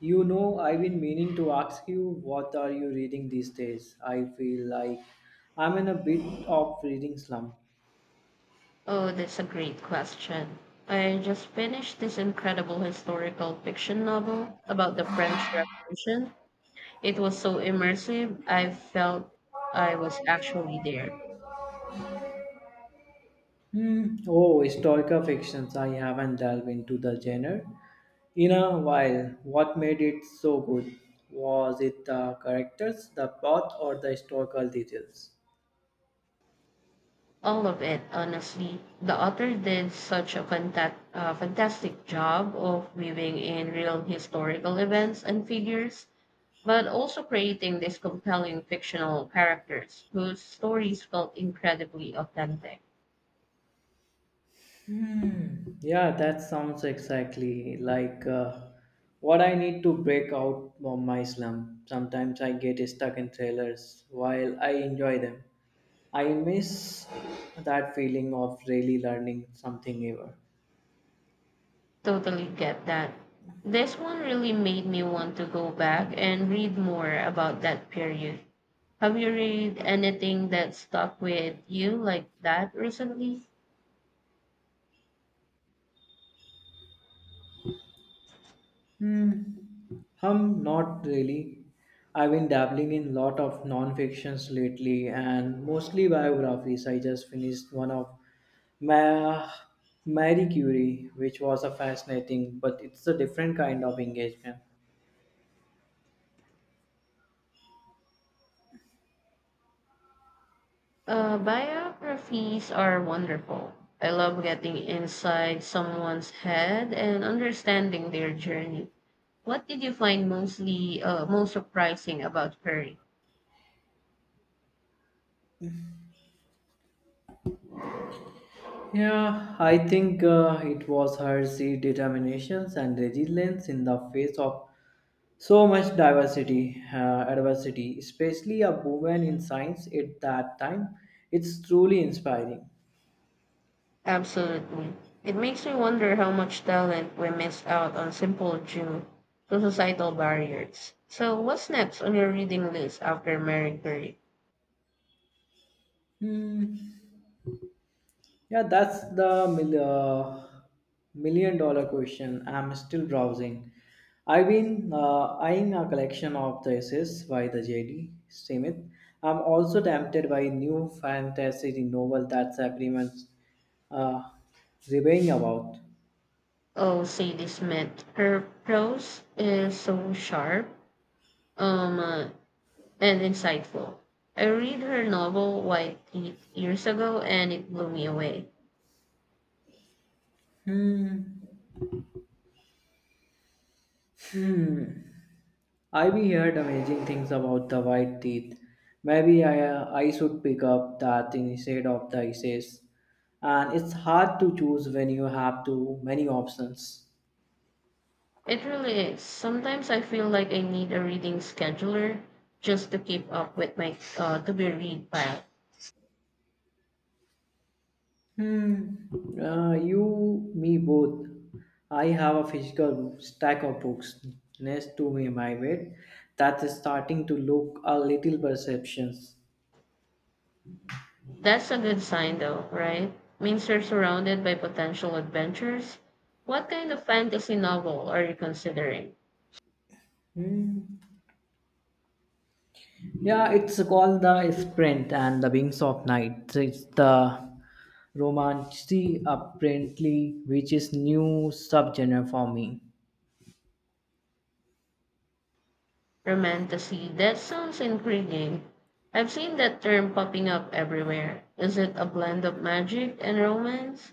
You know, I've been meaning to ask you, what are you reading these days? I feel like I'm in a bit of reading slump. Oh, that's a great question. I just finished this incredible historical fiction novel about the French Revolution. It was so immersive, I felt I was actually there. Hmm. Oh, historical fictions. I haven't delved into the genre in a while. What made it so good? Was it the characters, the plot, or the historical details? All of it, honestly. The author did such a fantastic job of weaving in real historical events and figures, but also creating these compelling fictional characters whose stories felt incredibly authentic. Yeah, that sounds exactly like what I need to break out from my slump. Sometimes I get stuck in trailers while I enjoy them. I miss that feeling of really learning something ever. Totally get that. This one really made me want to go back and read more about that period. Have you read anything that stuck with you like that recently? Hmm. Not really. I've been dabbling in a lot of non-fictions lately and mostly biographies. I just finished one of Ma- Marie Curie, which was a fascinating, but it's a different kind of engagement. Biographies are wonderful. I love getting inside someone's head and understanding their journey. What did you find mostly most surprising about Curry? Yeah, I think it was her sheer determinations and resilience in the face of so much diversity, adversity, especially a woman in science at that time. It's truly inspiring. Absolutely. It makes me wonder how much talent we miss out on simple due to societal barriers. So, what's next on your reading list after Mary Curie? Hmm. Yeah, that's the $1 million question. I'm still browsing. I've been eyeing a collection of the essays by the J.D. Smith. I'm also tempted by new fantasy novel that's everyone's uh, raving about. Oh, Sadie Smith. Her prose is so sharp um, uh, and insightful. I read her novel White Teeth years ago and it blew me away. I've heard amazing things about the white teeth. Maybe I should pick up that instead of the essays. And it's hard to choose when you have too many options. It really is. Sometimes I feel like I need a reading scheduler just to keep up with my to be read pile. Hmm. You, me, both. I have a physical stack of books next to me, my bed, that is starting to look a little perceptions. That's a good sign, though, right? Means you're surrounded by potential adventures. What kind of fantasy novel are you considering? Yeah, it's called the Sprint and the Wings of Night. It's the romantic apparently, which is new subgenre for me. Romantasy? That sounds intriguing. I've seen that term popping up everywhere. Is it a blend of magic and romance?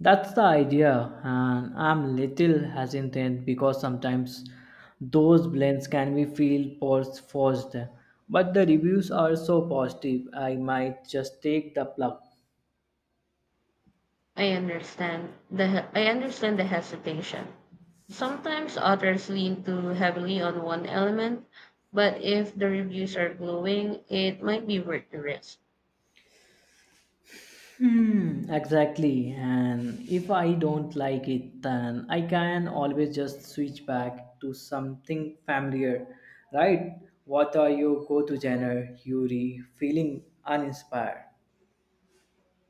That's the idea, and I'm little hesitant because sometimes those blends can be feel forced. But the reviews are so positive, I might just take the plug. I understand the hesitation. Sometimes authors lean too heavily on one element, but if the reviews are glowing, it might be worth the risk. Hmm, exactly. And if I don't like it, then I can always just switch back to something familiar, right? What are your go-to genre, Yuri? Feeling uninspired?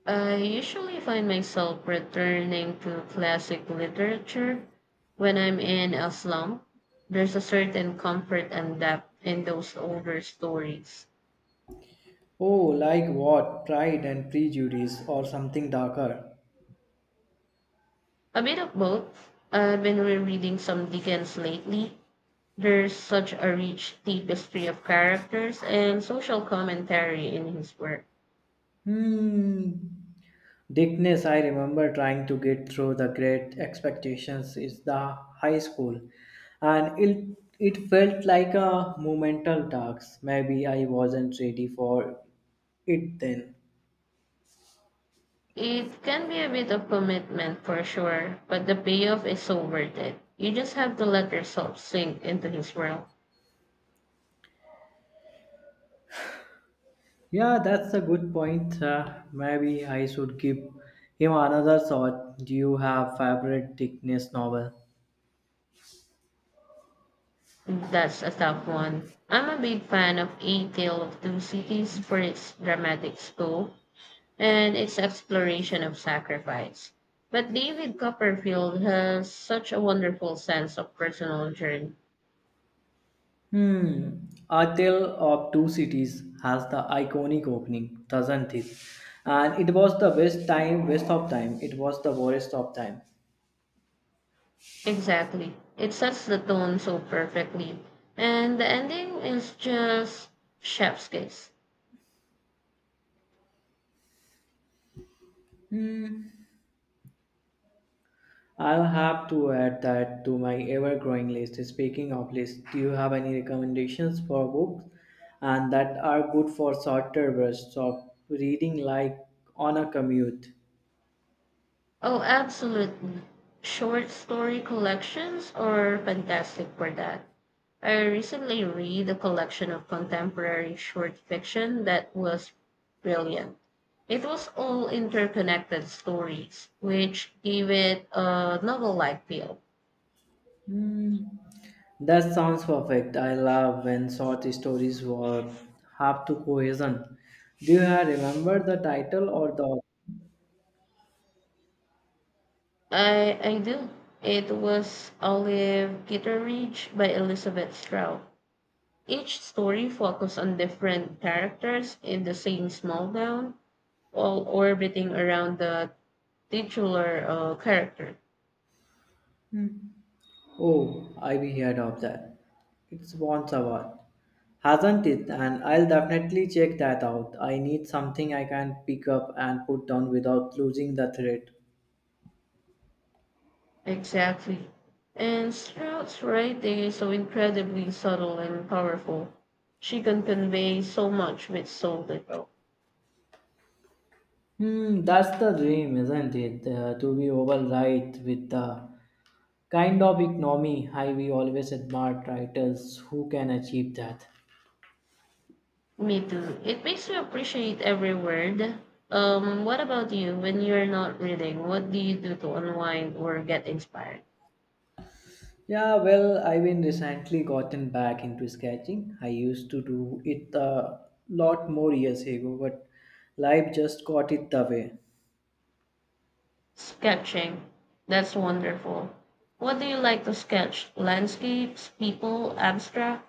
I usually find myself returning to classic literature when I'm in a slump. There's a certain comfort and depth in those older stories. Oh, like what? Pride and Prejudice or something darker? A bit of both. I've been rereading some Dickens lately. There's such a rich tapestry of characters and social commentary in his work. Hmm. Dickness, I remember trying to get through the great expectations is the high school. And it, it felt like a monumental task. Maybe I wasn't ready for it then. It can be a bit of commitment for sure, but the payoff is so worth it. You just have to let yourself sink into his world. Yeah, that's a good point. Maybe I should give him another shot. Do you have favorite Dickness novel? That's a tough one. I'm a big fan of A Tale of Two Cities for its dramatic scope and its exploration of sacrifice. But David Copperfield has such a wonderful sense of personal journey. Hmm. A Tale of Two Cities has the iconic opening, doesn't it? And it was the best time, waste of time. It was the worst of time. Exactly. It sets the tone so perfectly. And the ending is just chef's kiss. I'll have to add that to my ever-growing list. Speaking of list, do you have any recommendations for books and that are good for shorter bursts of reading, like on a commute? Oh, absolutely. Short story collections are fantastic for that. I recently read a collection of contemporary short fiction that was brilliant. It was all interconnected stories, which gave it a novel like feel. Hmm, that sounds perfect. I love when short stories were have to cohesion. Do you have remember the title or the? I do. It was Olive Kitteridge by Elizabeth Stroud. Each story focused on different characters in the same small town, all orbiting around the titular character. Hmm. Oh, I've heard of that. It's Bon Savant, hasn't it? And I'll definitely check that out. I need something I can pick up and put down without losing the thread. Exactly. And Stroud's writing is so incredibly subtle and powerful. She can convey so much with so little. Hmm, that's the dream, isn't it? To be override with the kind of economy I we always admired writers who can achieve that. Me too. It makes you appreciate every word. What about you? When you're not reading, what do you do to unwind or get inspired? Yeah, well, I've been recently gotten back into sketching. I used to do it a lot more years ago, but life just got it the way. Sketching. That's wonderful. What do you like to sketch? Landscapes, people, abstract?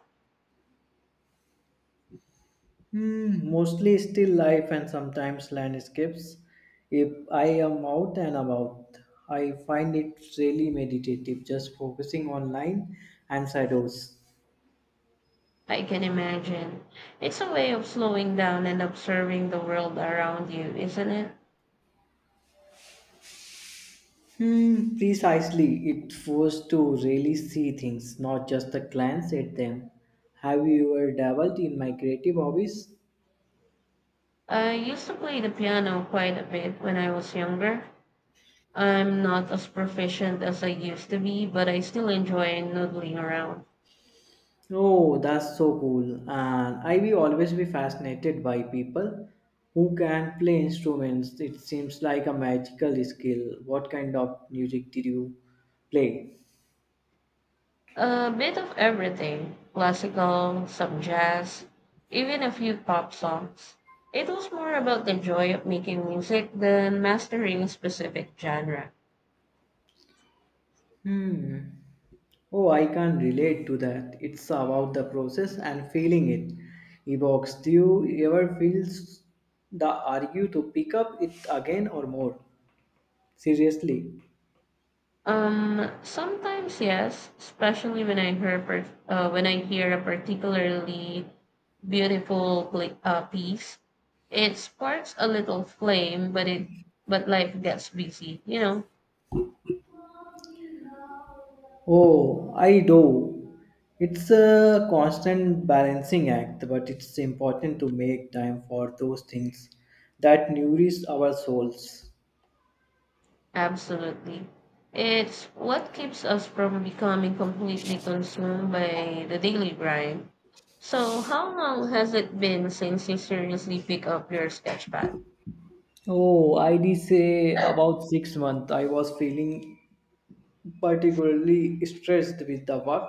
Hmm, mostly still life and sometimes landscapes. If I am out and about, I find it really meditative, just focusing on line and shadows. I can imagine. It's a way of slowing down and observing the world around you, isn't it? Hmm, precisely. It forced to really see things, not just a glance at them. Have you ever dabbled in my creative hobbies? I used to play the piano quite a bit when I was younger. I'm not as proficient as I used to be, but I still enjoy noodling around. Oh, that's so cool. And I will always be fascinated by people who can play instruments. It seems like a magical skill. What kind of music did you play? A bit of everything classical, some jazz, even a few pop songs. It was more about the joy of making music than mastering a specific genre. Hmm. Oh, I can relate to that. It's about the process and feeling it. Evokes. Do you ever feel the urge to pick up it again or more? Seriously. Sometimes yes, especially when I hear when I hear a particularly beautiful pla piece. It sparks a little flame, but it but life gets busy. You know, Oh, I do. It's a constant balancing act, but it's important to make time for those things that nourish our souls. absolutely. It's what keeps us from becoming completely consumed by the daily grind. So, how long has it been since you seriously pick up your sketchpad? Oh, I did say about six months. I was feeling particularly stressed with the work,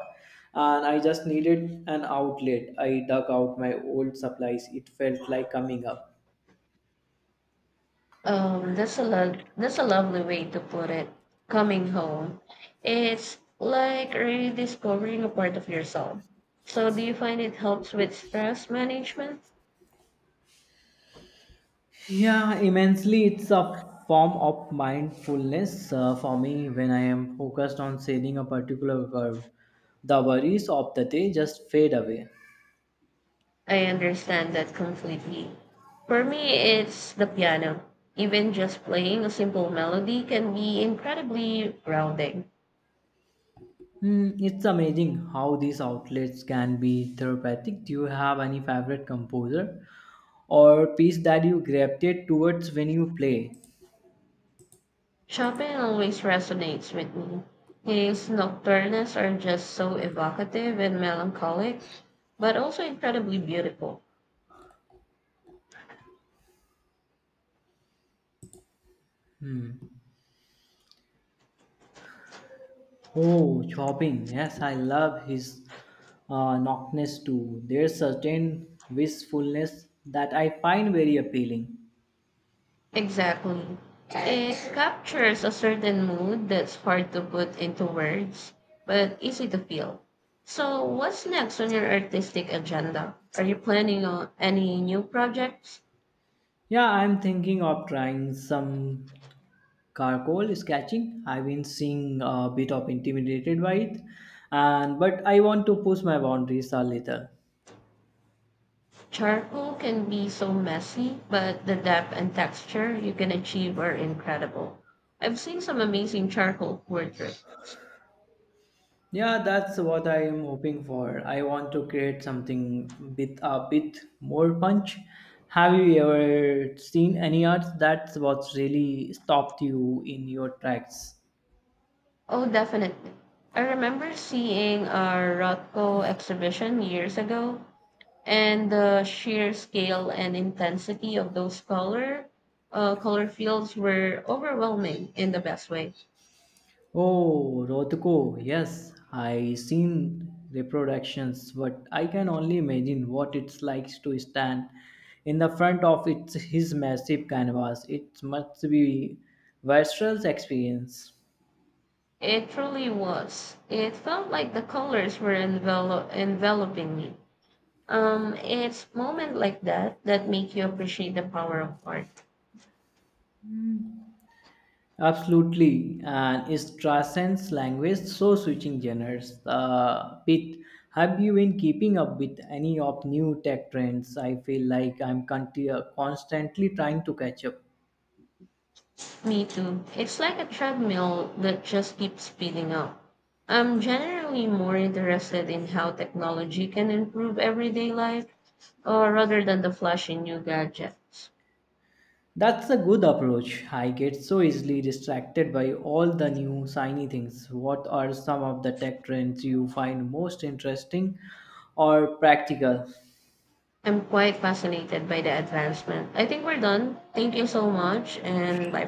and I just needed an outlet. I dug out my old supplies. It felt like coming up. That's a lovely way to put it. Coming home, it's like rediscovering a part of yourself. So, do you find it helps with stress management? Yeah, immensely. It's a form of mindfulness for me when I am focused on sailing a particular curve. The worries of the day just fade away. I understand that completely. For me, it's the piano. Even just playing a simple melody can be incredibly grounding. Hmm, it's amazing how these outlets can be therapeutic. Do you have any favorite composer or piece that you gravitate towards when you play? Chopin always resonates with me. His nocturnes are just so evocative and melancholic, but also incredibly beautiful. Oh, Chopin. Yes, I love his knockness too. There's certain wistfulness that I find very appealing. Exactly. It captures a certain mood that's hard to put into words, but easy to feel. So, what's next on your artistic agenda? Are you planning on any new projects? Yeah, I'm thinking of trying some charcoal sketching. I've been seeing a bit of intimidated by it, and but I want to push my boundaries a little. Charcoal can be so messy, but the depth and texture you can achieve are incredible. I've seen some amazing charcoal portraits. Yeah, that's what I am hoping for. I want to create something with a bit more punch. Have you ever seen any art that's was really stopped you in your tracks? Oh, definitely. I remember seeing a Rothko exhibition years ago and the sheer scale and intensity of those color fields were overwhelming in the best way. Oh, Rotko, yes, I seen reproductions, but I can only imagine what it's like to stand in the front of its, his massive canvas. It must be visceral experience. It truly was. It felt like the colors were enveloping me. It's moments like that that make you appreciate the power of art. Absolutely, and it transcends language, so switching genres. Pete. Have you been keeping up with any of new tech trends? I feel like I'm constantly trying to catch up. Me too. It's like a treadmill that just keeps speeding up. I'm generally more interested in how technology can improve everyday life or rather than the flashy new gadgets. That's a good approach. I get so easily distracted by all the new shiny things. What are some of the tech trends you find most interesting or practical? I'm quite fascinated by the advancement. I think we're done. Thank you so much and bye for